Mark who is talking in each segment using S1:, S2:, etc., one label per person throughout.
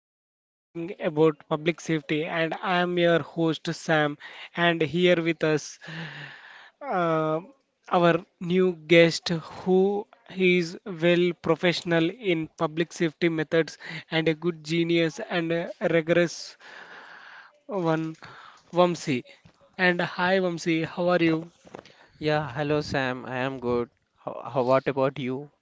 S1: we are discussing about public safety and I am your host Sam and here with us uh, our new guest who is well professional in public safety methods and a good genius and a rigorous one Vamsi. And hi Vamsi, how are you?
S2: Yeah, hello Sam. I am good. How what about you?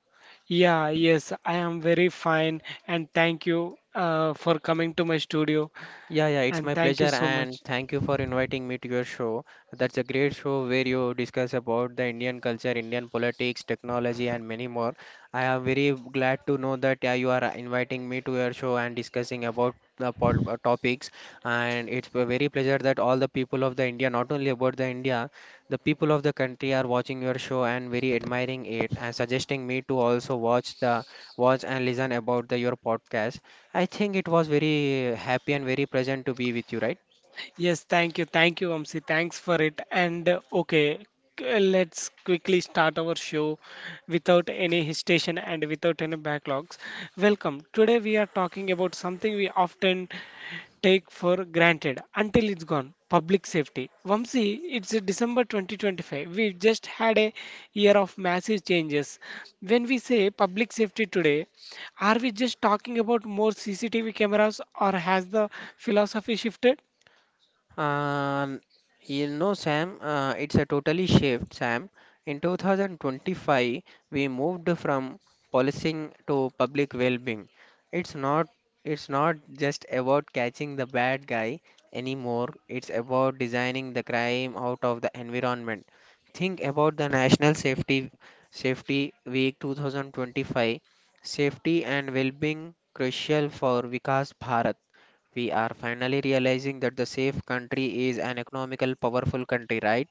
S1: Yeah, yes, I am very fine and thank you for coming to my studio
S2: Yeah, yeah, it's
S1: and
S2: my
S1: thank you
S2: pleasure
S1: so
S2: and
S1: much.
S2: thank you for inviting me to your show. That's a great show where you discuss about the Indian culture, Indian politics, technology, and many more. I am very glad to know that you are inviting me to your show and discussing about the topics. And it's a very pleasure that all the people of the India, not only about the India, the people of the country are watching your show and very admiring it and suggesting me to also watch and listen about the your podcast. I think it was very happy and very pleasant to be with you, right?
S1: Yes, thank you, Vamsi. Thanks for it. And okay, let's quickly start our show without any hesitation and without any backlogs. Welcome. Today we are talking about something we often take for granted until it's gone. Public safety. Vamsi, it's a December 2025. We've just had a year of massive changes. When we say public safety today, are we just talking about more CCTV cameras or has the philosophy shifted?
S2: Um, Sam, it's a totally shift, Sam. In 2025, we moved from policing to public well-being. It's not it's not just about catching the bad guy anymore. It's about designing the crime out of the environment. Think about the National Safety Week 2025. Safety and well-being crucial for Vikas Bharat. We are finally realizing that the safe country is an economical powerful country, right?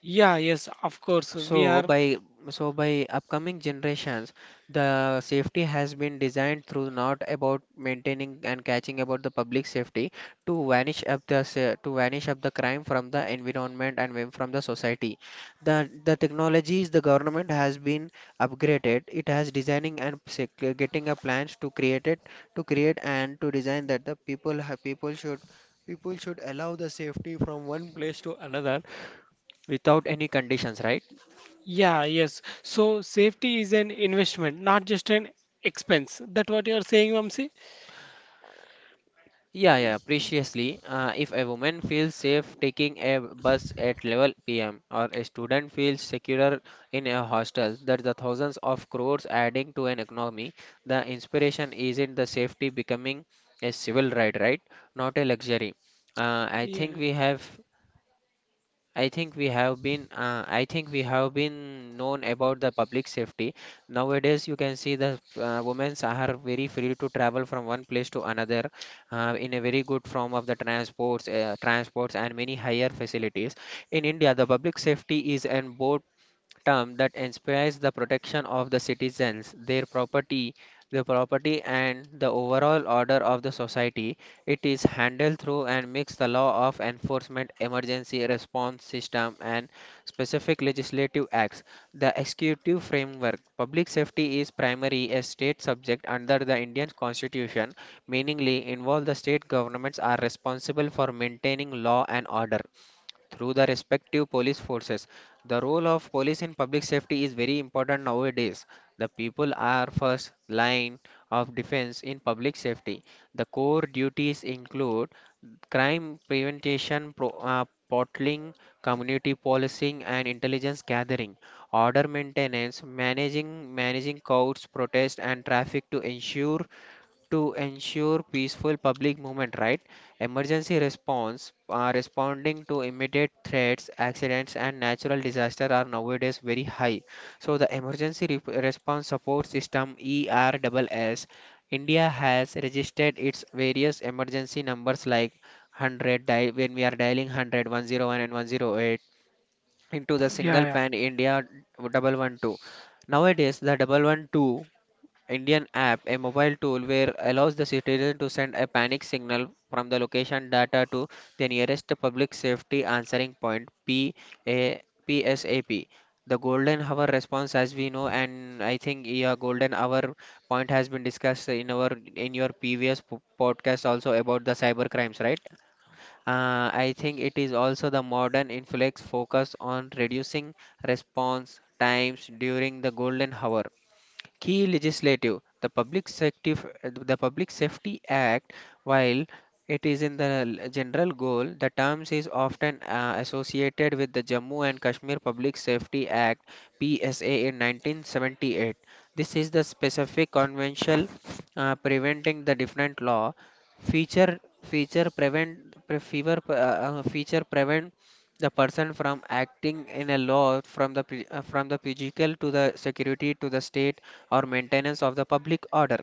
S1: Yeah, yes, of course. We
S2: So
S1: are.
S2: by so by upcoming generations, the safety has been designed through not about maintaining and catching about the public safety to vanish up the crime from the environment and from the society. The technologies the government has been upgraded. It has designing and getting a plans to create and to design that the people should allow the safety from one place to another without any conditions, right?
S1: Yeah, yes. So safety is an investment, not just an expense. That what you're saying, Vamsi?
S2: Yeah, yeah, preciously. If a woman feels safe taking a bus at 11 p.m. or a student feels secure in a hostel, that's the thousands of crores adding to an economy. The inspiration isn't the safety becoming a civil right, right? Not a luxury. I
S1: Yeah.
S2: think we have I think we have been I think we have been known about the public safety. Nowadays, you can see the women are very free to travel from one place to another in a very good form of the transports and many higher facilities. In India, the public safety is an board term that inspires the protection of the citizens, the property and the overall order of the society. It is handled through and mix the law of enforcement, emergency response system and specific legislative acts. The executive framework. Public safety is primary a state subject under the Indian Constitution, meaningly involve the state governments are responsible for maintaining law and order through the respective police forces. The role of police in public safety is very important nowadays. The people are first line of defense in public safety. The core duties include crime prevention, portling, community policing, and intelligence gathering, order maintenance, managing crowds, protest, and traffic to ensure peaceful public movement, right? Emergency response, responding to immediate threats, accidents, and natural disasters are nowadays very high. So, the Emergency Response Support System ERSS, India has registered its various emergency numbers like 100 dial when we are dialing 100, 101, and 108 into the
S1: Yeah,
S2: single
S1: yeah,
S2: pan India 112. Nowadays, the 112 Indian app, a mobile tool where allows the citizen to send a panic signal from the location data to the nearest public safety answering point (P.A.P.S.A.P). The golden hour response, as we know, and I think yeah, golden hour point has been discussed in your previous podcast also about the cyber crimes, right? I think it is also the modern inflex focus on reducing response times during the golden hour key legislative the public safety act while it is in the general goal, the terms is often associated with the Jammu and Kashmir Public Safety Act PSA in 1978. This is the specific conventional preventing the different law feature prevent pre- fever feature prevent the person from acting in a law from the physical to the security to the state or maintenance of the public order.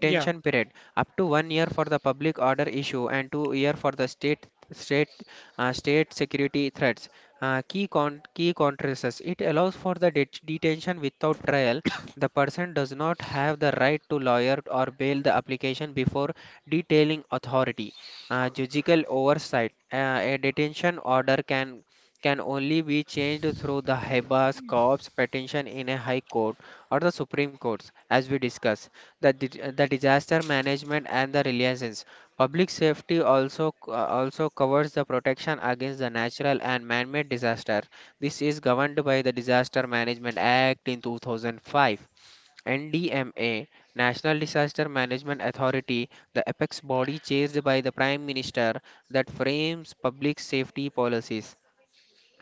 S1: yeah,
S2: period up to 1 year for the public order issue and 2 year for the state state security threats. Key contrasts, it allows for the detention without trial. The person does not have the right to lawyer or bail the application before detailing authority. Judicial oversight, a detention order can only be changed through the habeas corpus petition in a high court or the Supreme Courts, as we discuss. The disaster management and the resilience. Public safety also covers the protection against the natural and man-made disaster. This is governed by the Disaster Management Act in 2005. NDMA, National Disaster Management Authority, the apex body chaired by the Prime Minister that frames public safety policies.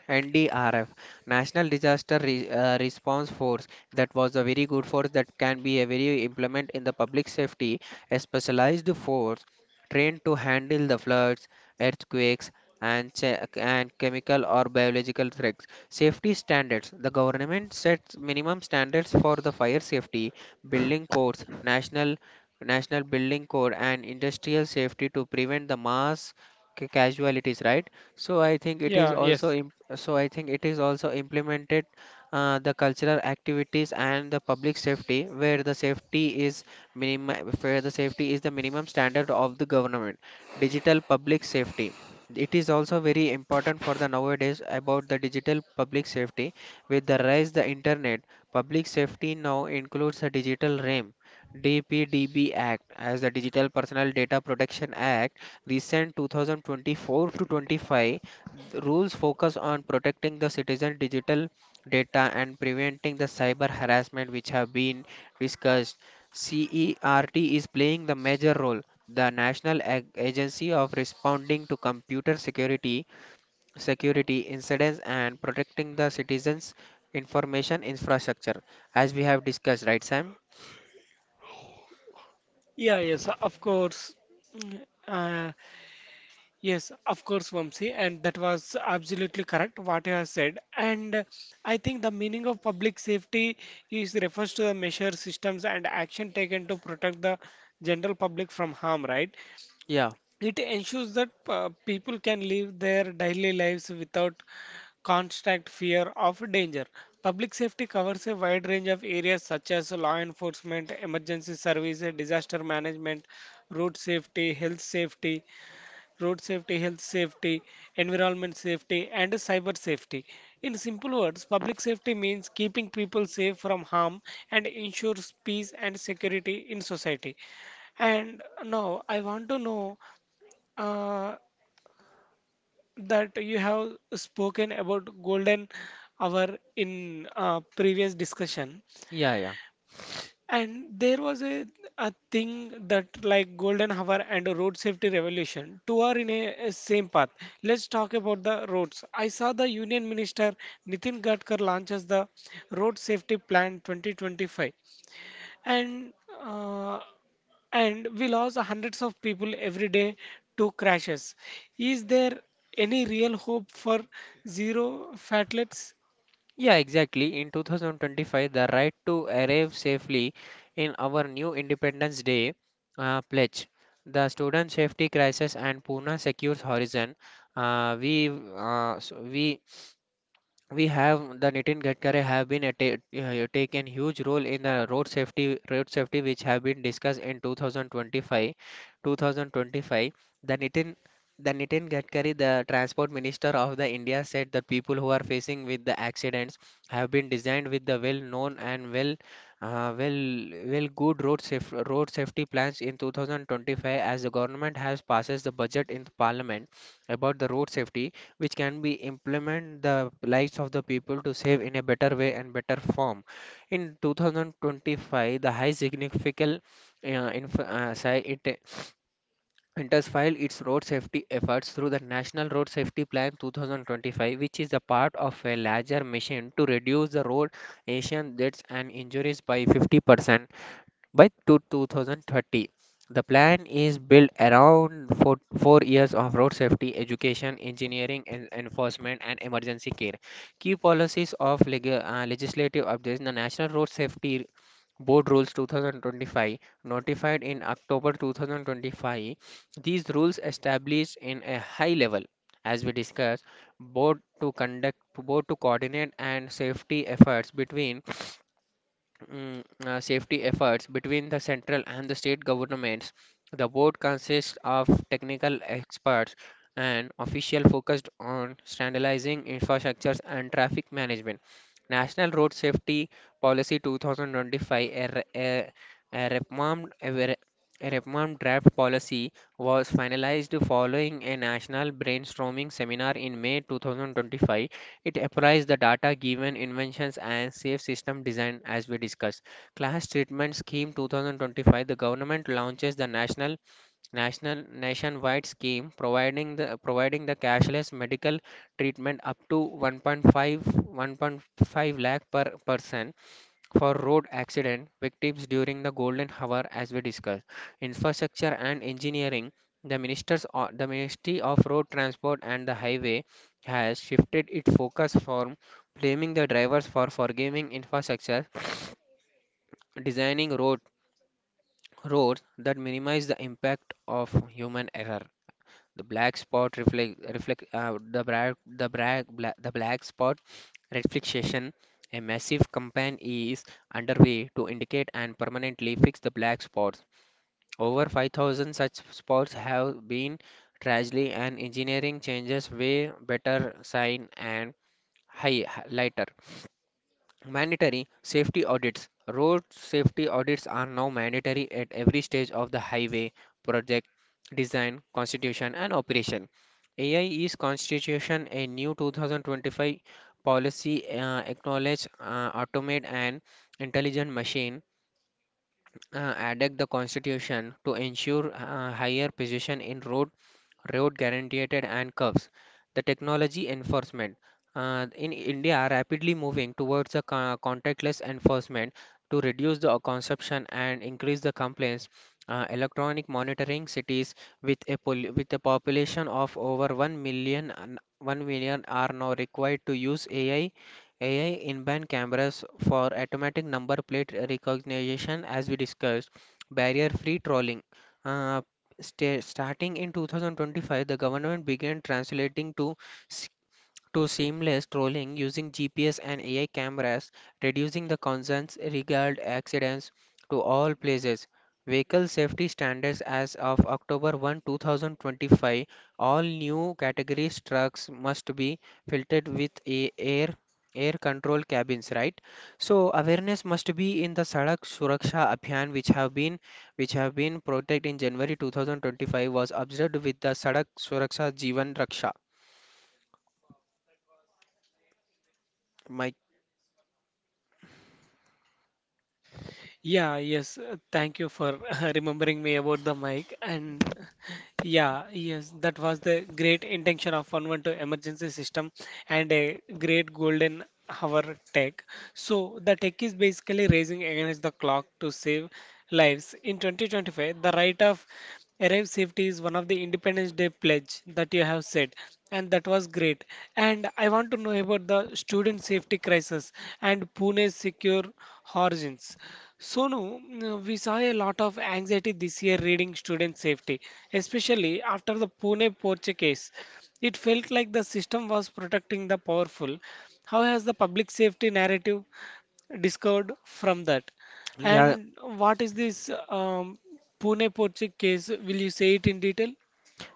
S2: NDRF, National Disaster Response Force, that was a very good force that can be a very implement in the public safety, a specialized force trained to handle the floods, earthquakes, and and chemical or biological threats. Safety standards: the government sets minimum standards for the fire safety, building codes, national building code, and industrial safety to prevent the mass casualties. Right. So I think it is
S1: yeah, yes,
S2: also so I think it is also implemented, the cultural activities and the public safety where the safety is minimum where the safety is the minimum standard of the government. Digital public safety. It is also very important for the nowadays about the digital public safety. With the rise the internet, public safety now includes the digital realm. DPDB Act as the Digital Personal Data Protection Act recent 2024 to 25, the rules focus on protecting the citizen digital data and preventing the cyber harassment which have been discussed. CERT is playing the major role. The National Agency of Responding to Computer Security, Security Incidents and Protecting the Citizens Information Infrastructure, as we have discussed, right, Sam?
S1: yeah, yes, of course. Mm. Yes, of course, Vamsi, and that was absolutely correct what you have said. And I think the meaning of public safety is refers to the measures, systems, and action taken to protect the general public from harm, right?
S2: Yeah,
S1: It ensures that people can live their daily lives without constant fear of danger. Public safety covers a wide range of areas such as law enforcement, emergency services, disaster management, road safety, health safety, road safety, health safety, environment safety, and cyber safety. In simple words, public safety means keeping people safe from harm and ensures peace and security in society. And now I want to know. Uh, that you have spoken about golden hour in previous discussion
S2: yeah, yeah.
S1: and there was a thing that like golden hour and road safety revolution two are in a same path. Let's talk about the roads. I saw the union minister nitin gadkar launches the road safety plan 2025 and uh, and we lost hundreds of people every day to crashes. Is there any real hope for zero fatalities?
S2: Yeah, exactly. In 2025, the right to arrive safely in our new Independence Day pledge, the student safety crisis and Pune secures horizon. We so we have the Nitin Gadkari have been taken huge role in the road safety which have been discussed in 2025. The Nitin the Nitin Gadkari, the transport minister of the India, said that people who are facing with the accidents have been designed with the well known and uh, well well good road safety plans in 2025, as the government has passes the budget in the parliament about the road safety, which can be implement the lives of the people to save in a better way and better form. In 2025, the high significant uh, it intensified its road safety efforts through the National Road Safety Plan 2025, which is the part of a larger mission to reduce the road accident deaths and injuries by 50%. By to 2030, the plan is built around 4 years of road safety education, engineering, and enforcement, and emergency care. Key policies of legislative updates. The National Road Safety Board Rules 2025, notified in October 2025, these rules established in a high level, as we discussed, board to coordinate and safety efforts between mm, the central and the state governments. The board consists of technical experts and official focused on standardizing infrastructures and traffic management. National Road Safety Policy 2025, a, re- a reformed a ver- a reformed draft policy was finalized following a national brainstorming seminar in May 2025. It applies the data given inventions and safe system design as we discussed. Class Treatment Scheme 2025. The government launches the national nationwide scheme providing the cashless medical treatment up to 1.5 lakh per person for road accident victims during the golden hour as we discussed. Infrastructure and engineering, the ministry of road transport and the highway has shifted its focus from blaming the drivers for forgiving infrastructure, designing roads that minimize the impact of human error. The black spot reflect reflect uh, the black the black spot reflection. A massive campaign is underway to indicate and permanently fix the black spots. Over 5,000 such spots have been tragedy and engineering changes way better sign and highlighter. Mandatory safety audits. Road safety audits are now mandatory at every stage of the highway project design, constitution, and operation. AI is constitution a new 2025 policy, acknowledge, automate and intelligent machine, attacked the constitution to ensure, higher position in road guaranteed and curves the technology enforcement, in india are rapidly moving towards a contactless enforcement to reduce the consumption and increase the complaints. Electronic monitoring cities with a with a population of over one million and one million are now required to use AI inbound cameras for automatic number plate recognition, as we discussed, barrier free trolling. Uh, Starting in 2025, the government began translating to seamless trolling using GPS and AI cameras, reducing the concerns regard accidents to all places. Vehicle safety standards as of October 1, 2025, all new categories trucks must be filtered with a air control cabins, right? So awareness must be in the sadak suraksha abhiyan, which have been protected in january 2025, was observed with the sadak suraksha jeevan raksha my
S1: Yeah, yes. Thank you for remembering me about the mic. And yeah, yes, that was the great intention of 112 emergency system and a great golden hour tech. So the tech is basically racing against the clock to save lives. In 2025, the right of arrive safety is one of the Independence Day pledge that you have said, and that was great. And I want to know about the student safety crisis and Pune's secure origins. Sonu, we saw a lot of anxiety this year reading student safety, especially after the Pune Porche case. It felt like the system was protecting the powerful. How has the public safety narrative discovered from that?
S2: yeah.
S1: And what is this Pune Porche case? Will you say it in detail?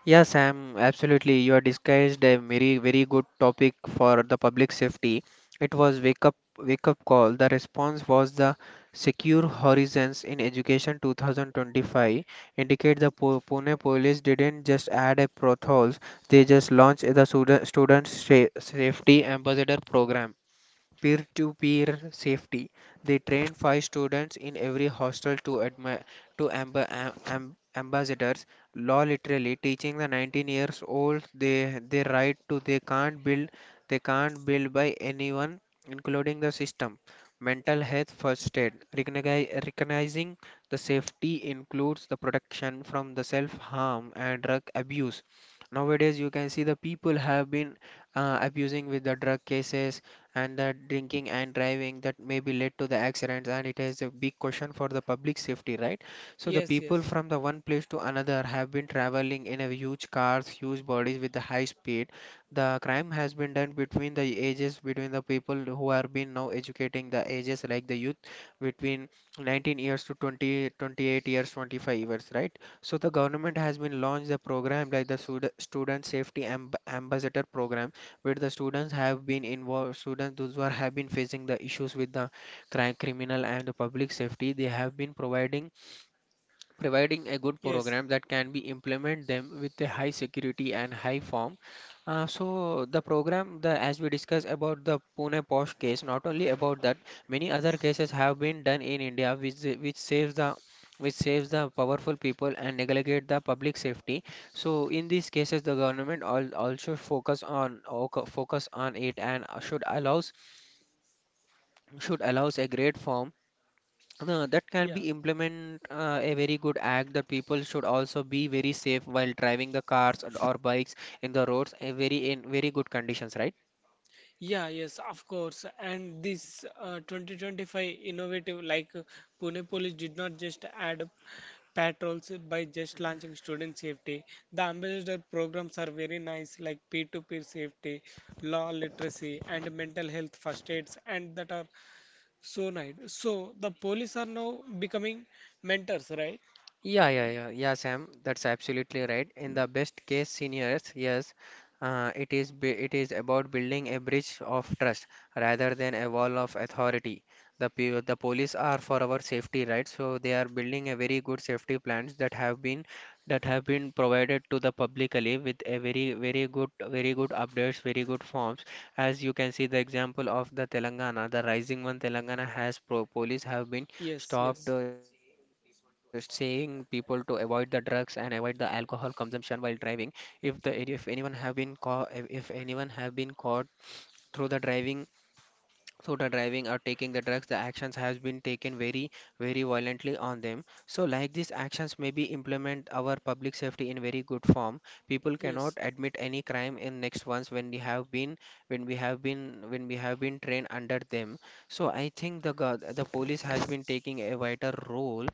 S2: Yeah, Sam, absolutely. You have discussed a very, very good topic for the public safety. It was wake up call. The response was the Secure Horizons in Education 2025 indicate the Pune police didn't just add a potholes, they just launched the student safety ambassador program, peer to peer safety. They trained 5 students in every hostel to ambassadors, law literally teaching the 19 years olds they right to they can't build by anyone including the system. Mental health first aid. Recognizing the safety includes the protection from the self harm and drug abuse. Nowadays you can see the people have been, abusing with the drug cases and the drinking and driving that may be led to the accidents, and it is a big question for the public safety, right? So the
S1: Yes,
S2: people
S1: yes.
S2: from the one place to another have been traveling in a huge cars, huge bodies with the high speed. The crime has been done between the ages, between the people who are been now educating the ages like the youth between 19 years to 20 28 years 25 years, right? So the government has been launched a program like the student safety ambassador program, where the students have been involved, students those who are, have been facing the issues with the crime criminal and the public safety, they have been providing a good
S1: Yes.
S2: program that can be implement them with a high security and high form. So the program, the, as we discussed about the Pune Posh case, not only about that, many other cases have been done in India, which saves the powerful people and neglect the public safety. So in these cases, the government al also focus on focus on it and should allows a great form, no, that can be implement, a very good act that people should also be very safe while driving the cars and- or bikes in the roads, a very, in very good conditions, right?
S1: Yeah, yes, of course. And this 2025 innovative, like Pune Police did not just add up patrols by just launching student safety. The ambassador programs are very nice, like peer-to-peer safety, law literacy, and mental health first aids, and that are so nice. So the police are now becoming mentors, right?
S2: Yeah, yeah, yeah, yeah, Sam. That's absolutely right. In the best case scenarios, yes, it is about building a bridge of trust rather than a wall of authority. The police are for our safety, right? So they are building a very good safety plans that have been provided to the publicly with a very, very good, very good updates, very good forms. As you can see, the example of the Telangana, the Rising One Telangana has pro police have been
S1: Yes,
S2: stopped,
S1: yes,
S2: saying people to avoid the drugs and avoid the alcohol consumption while driving. If the, if anyone have been caught, if anyone have been caught through the driving, or taking the drugs, the actions has been taken very very violently on them. So like these actions may be implement our public safety in very good form. People cannot
S1: yes.
S2: admit any crime in next ones when we have been when we have been trained under them. So I think the the police has been taking a vital role,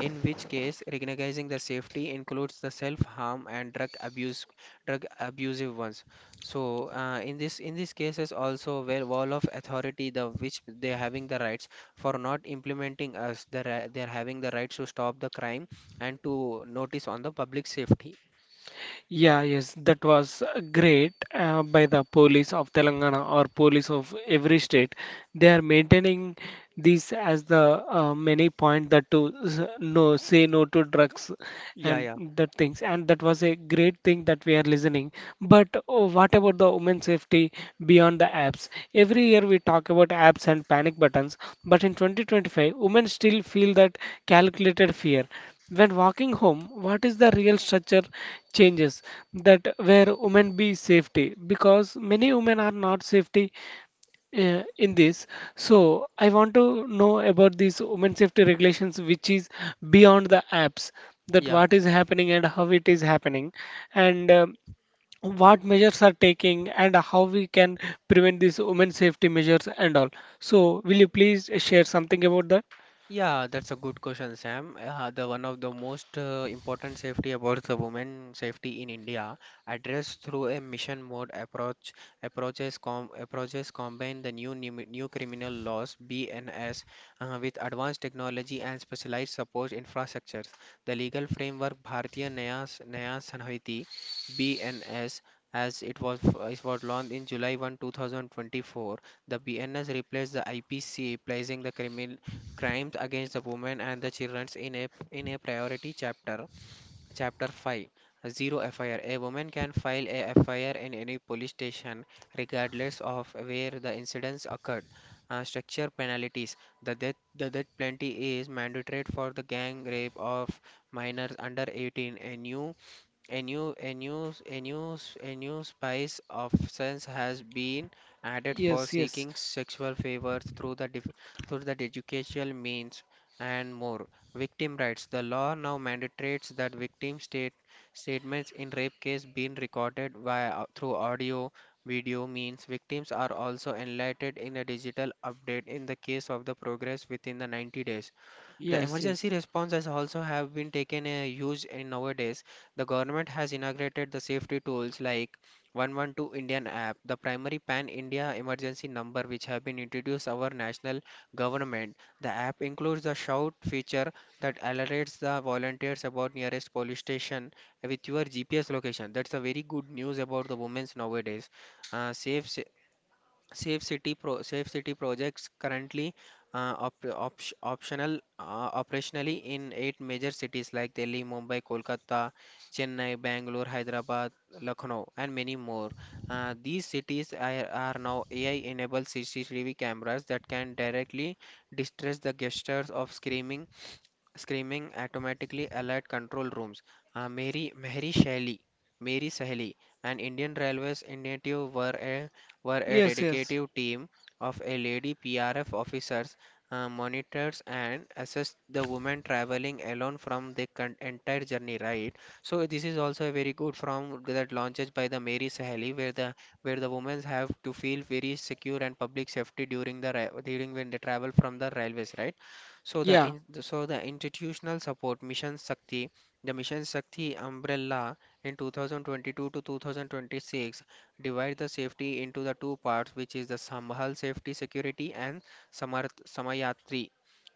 S2: in which case recognizing the safety includes the self harm and drug abuse, drug abusive ones. So, in this, in these cases also, where wall of authority, the which they are having the rights for not implementing us the they are having the rights to stop the crime and to notice on the public safety.
S1: Yeah, yes, that was great by the police of Telangana or police of every state. They are maintaining this as the many point that to no say no to drugs
S2: Yeah,
S1: and
S2: yeah,
S1: that things and that was a great thing that we are listening. But oh, what about the women's safety beyond the apps? Every year we talk about apps and panic buttons, but in 2025 women still feel that calculated fear when walking home. What is the real structure changes that where women be safety, because many women are not safety in this. So I want to know about these women safety regulations, which is beyond the apps. That
S2: yeah.
S1: what is happening and how it is happening, and what measures are taking, and how we can prevent these women safety measures and all. So will you please share something about that?
S2: Yeah, that's a good question, Sam. The one of the most, important safety about the women safety in India addressed through a mission mode approach, approaches combine the new new criminal laws BNS, with advanced technology and specialized support infrastructures. The legal framework Bharatiya Nya Sanhiti, BNS, as it was launched in July 1, 2024. The BNS replaced the IPC, placing the criminal crimes against the women and the children in a priority chapter 5. Zero fir, a woman can file a fir in any police station regardless of where the incidents occurred. Structure penalties, the death penalty is mandatory for the gang rape of minors under 18. A new, a new, a new, a new spice of sense has been added for
S1: Yes, yes,
S2: seeking sexual favors through the through the educational means and more. Victim rights. The law now mandates that victim statements in rape case being recorded via, through audio, video means. Victims are also enlightened in a digital update in the case of the progress within the 90 days. The
S1: yes, yes,
S2: emergency response has also have been taken a huge in nowadays. The government has inaugurated the safety tools like 112 Indian app, the primary pan-India emergency number which have been introduced our national government. The app includes the shout feature that alerts the volunteers about nearest police station with your GPS location. That's a very good news about the women's nowadays. Uh, safe Safe City pro Safe City projects currently, op op optional, operationally in 8 major cities like Delhi, Mumbai, Kolkata, Chennai, Bangalore, Hyderabad, Lucknow, and many more. These cities are now AI-enabled CCTV cameras that can directly distress the gestures of screaming automatically alert control rooms. Uh, Mary, Mary Shelley, Mary Saheli, and Indian Railways Initiative were a
S1: yes, yes.
S2: dedicated team of a lady PRF officers, monitors, and assessed the woman traveling alone from the entire journey. Right. So this is also a very good from that launches by the Mary Saheli, where the women have to feel very secure and public safety during the during when they travel from the railways. Right. So the
S1: Yeah,
S2: in, so the institutional support, Mission Shakti, the Mission Shakti umbrella in 2022 to 2026 divide the safety into the two parts, which is the Sambhal Safety Security and Samarth, Samayatri.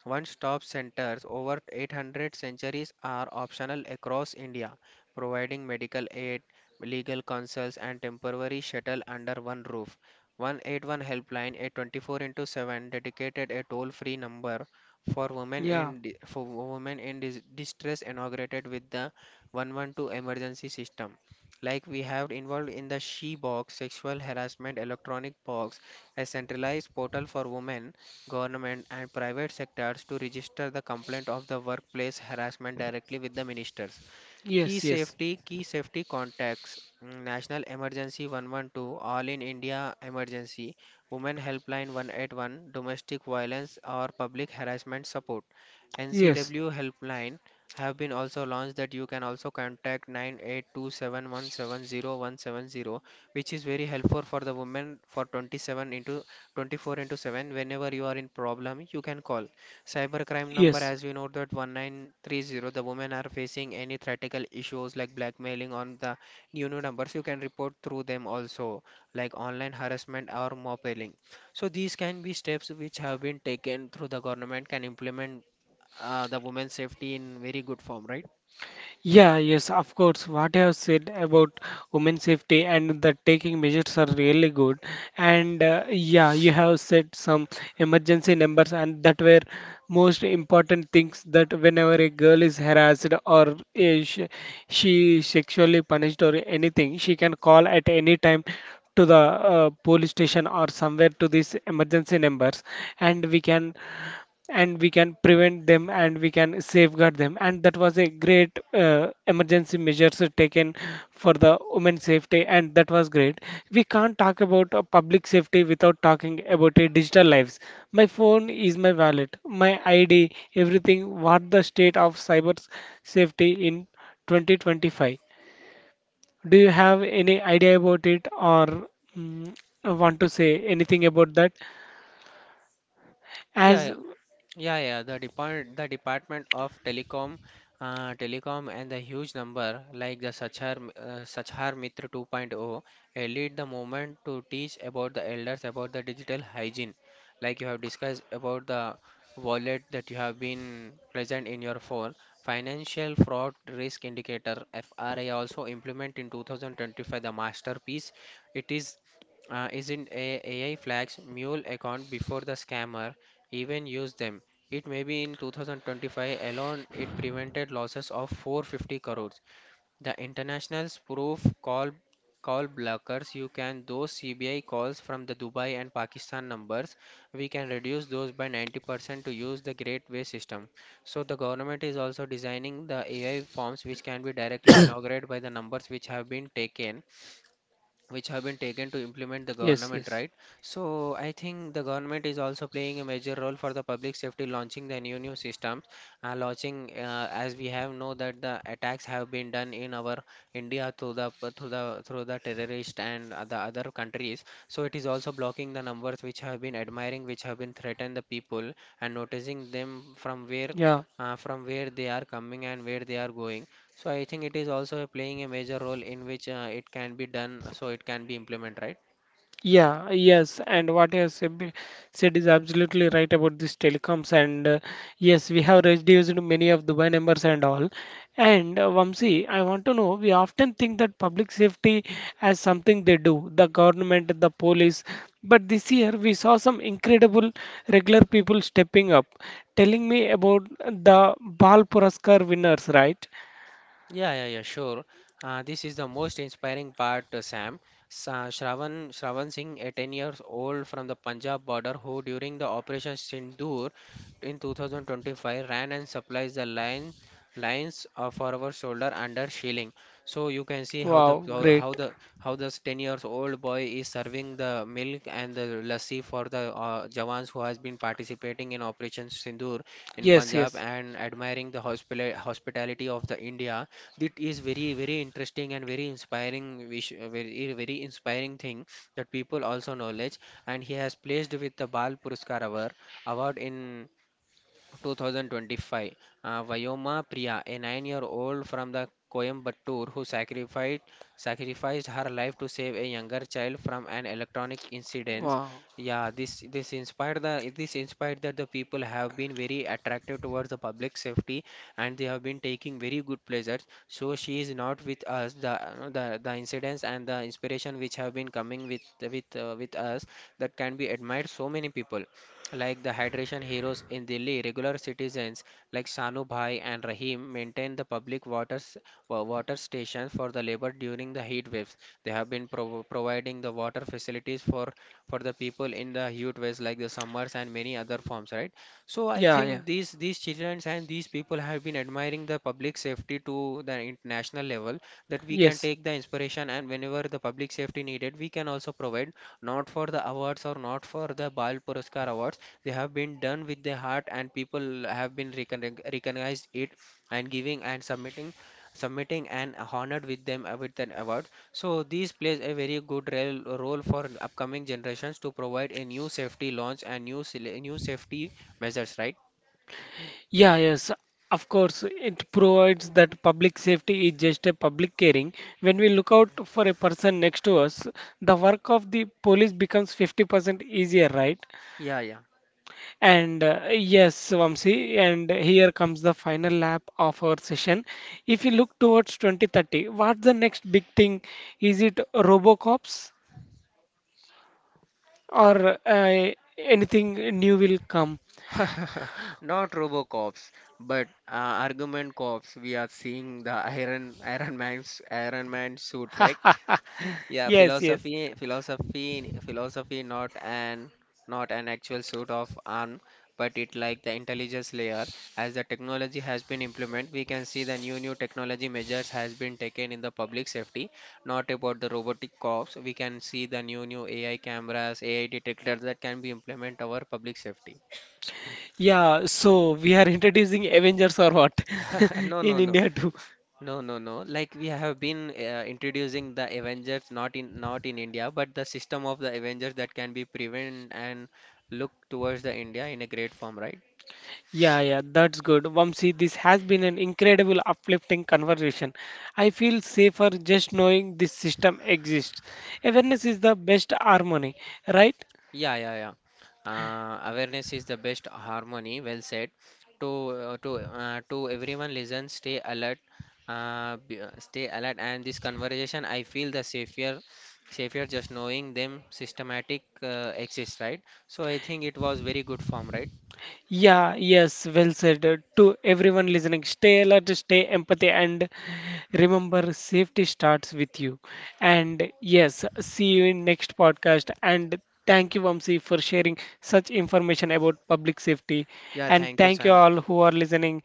S2: One-stop centers, over 800 centuries are optional across India, providing medical aid, legal counsels, and temporary shuttle under one roof. 181 helpline, a 24 into 7 dedicated a toll-free number for women
S1: yeah.
S2: for women in distress, inaugurated with the 112 emergency system, like we have involved in the she box sexual harassment electronic box, a centralized portal for women, government and private sectors to register the complaint of the workplace harassment directly with the ministers.
S1: Yes, yes.
S2: Key safety contacts, mm, National Emergency 112, All in India Emergency, Women Helpline 181, Domestic Violence or Public Harassment Support.
S1: Yes,
S2: NCW Helpline have been also launched that you can also contact 9827170170, which is very helpful for the women for 27 into 24 into 7. Whenever you are in problem, you can call. Cybercrime number,
S1: yes,
S2: as we know, that 1930, the women are facing any theoretical issues like blackmailing on the new numbers. You can report through them also, like online harassment or mobbing. So these can be steps which have been taken through the government can implement, the women's safety in very good form, right?
S1: yeah, yes, of course. What I have said about women safety and the taking measures are really good. And yeah, you have said some emergency numbers, and that were most important things that whenever a girl is harassed or she, she sexually punished or anything, she can call at any time to the police station or somewhere to these emergency numbers and we can and we can prevent them and we can safeguard them and that was a great emergency measures taken for the women's safety and that was great. We can't talk about public safety without talking about a digital lives. My phone is my wallet, my id, everything. What the state of cyber safety in 2025? Do you have any idea about it or mm, want to say anything about that
S2: Yeah,
S1: as?
S2: yeah. Yeah, yeah, the depart the Department of Telecom, Telecom and the huge number like the Sachar Mitra 2.0, lead the movement to teach about the elders about the digital hygiene. Like you have discussed about the wallet that you have been present in your phone. Financial fraud risk indicator FRI also implement in 2025, the masterpiece. It is, isn't a AI flags mule account before the scammer even use them. It may be in 2025 alone it prevented losses of 450 crores. The internationals proof call, call blockers, you can those CBI calls from the Dubai and Pakistan numbers, we can reduce those by 90% to use the great way system. So the government is also designing the AI forms which can be directly inaugurated by the numbers which have been taken to implement the
S1: Yes,
S2: government,
S1: yes,
S2: right? So I think the government is also playing a major role for the public safety, launching the new systems, launching as we have know that the attacks have been done in our India through the through the through the terrorist and the other countries. So it is also blocking the numbers which have been admiring, which have been threatened the people and noticing them from where.
S1: yeah.
S2: From where they are coming and where they are going, so I think it is also playing a major role in which it can be done, so it can be implemented, right?
S1: Yeah, yes, and what you have said said is absolutely right about these telecoms. And yes, we have reduced many of Dubai numbers and all. And Vamsi, I want to know, we often think that public safety as something they do, the government, the police. But this year, we saw some incredible regular people stepping up, telling me about the Bal Puraskar winners, right?
S2: Yeah, yeah, yeah, sure. This is the most inspiring part, Sam. Shravan Singh, a 10 year old years old from the Punjab border, who during the Operation Sindoor in 2025 ran and supplies the lines for our shoulder under shilling. So you can see how the
S1: Wow,
S2: how,
S1: great.
S2: how the how this 10 year old years old boy is serving the milk and the lassi for the Jawans who has been participating in Operation Sindoor in
S1: Yes,
S2: Punjab
S1: yes.
S2: and admiring the hospitality of the India. That is very interesting and very inspiring. We sh- very eh, Very inspiring thing that people also knowledge. And he has placed with the Bal Puruskar Award in 2025. Vayoma Priya, a nine-year-old from the Coimbatore, who sacrificed her life to save a younger child from an electronic incident.
S1: Wow.
S2: Yeah, this inspired that the people have been very attractive towards the public safety and they have been taking very good pleasures. So she is not with us. The incidents and the inspiration which have been coming with us, that can be admired so many people like the hydration heroes in Delhi, regular citizens like Sanu Bhai and Rahim maintain the public water, water stations for the labor during the heat waves. They have been providing the water facilities for the people in the heat waves like the summers and many other forms, right? So I
S1: Yeah, yeah.
S2: think these children and these people have been admiring the public safety to the international level, that we can
S1: Yes.
S2: take the inspiration and whenever the public safety needed, we can also provide, not for the awards or not for the Bal Puruskar awards. They have been done with their heart, and people have been recognized it and giving and submitting and honored with them with an award. So these plays a very good role for upcoming generations to provide a new safety launch and new safety measures. Right?
S1: Yeah, yes, of course, it provides that public safety is just a public caring. When we look out for a person next to us, the work of the police becomes 50% easier, right?
S2: Yeah, yeah.
S1: And yes, Vamsi, and here comes the final lap of our session. If you look towards 2030, what's the next big thing? Is it Robocops or anything new will come?
S2: Not RoboCops, but argument cops. We are seeing the Iron Man's Iron Man suit, right? Yeah,
S1: Yes, yes.
S2: philosophy, not an actual suit of arm, but it like the intelligence layer. As the technology has been implemented, we can see the new technology measures has been taken in the public safety. Not about the robotic cops. We can see the new AI cameras, AI detectors that can be implement our public safety.
S1: Yeah, so we are introducing Avengers or what
S2: No,
S1: in
S2: no, no.
S1: India too.
S2: No, no, no. Like we have been introducing the Avengers, not in India, but the system of the Avengers that can be prevent and look towards the India in a great form, right?
S1: Yeah, yeah, that's good. Vamsi, this has been an incredible, uplifting conversation. I feel safer just knowing this system exists. Awareness is the best harmony, right?
S2: Yeah, yeah, yeah. Awareness is the best harmony. Well said. To everyone, listen, stay alert, stay alert. And this conversation, I feel the safer just knowing them systematic exists, right? So I think it was very good form, right?
S1: Yeah, yes, well said. To everyone listening, stay alert, stay empathy, and remember safety starts with you. And yes, see you in next podcast. And thank you, Vamsi, for sharing such information about public safety.
S2: Yeah,
S1: And
S2: thank you,
S1: thank you
S2: Sam.
S1: all who are listening.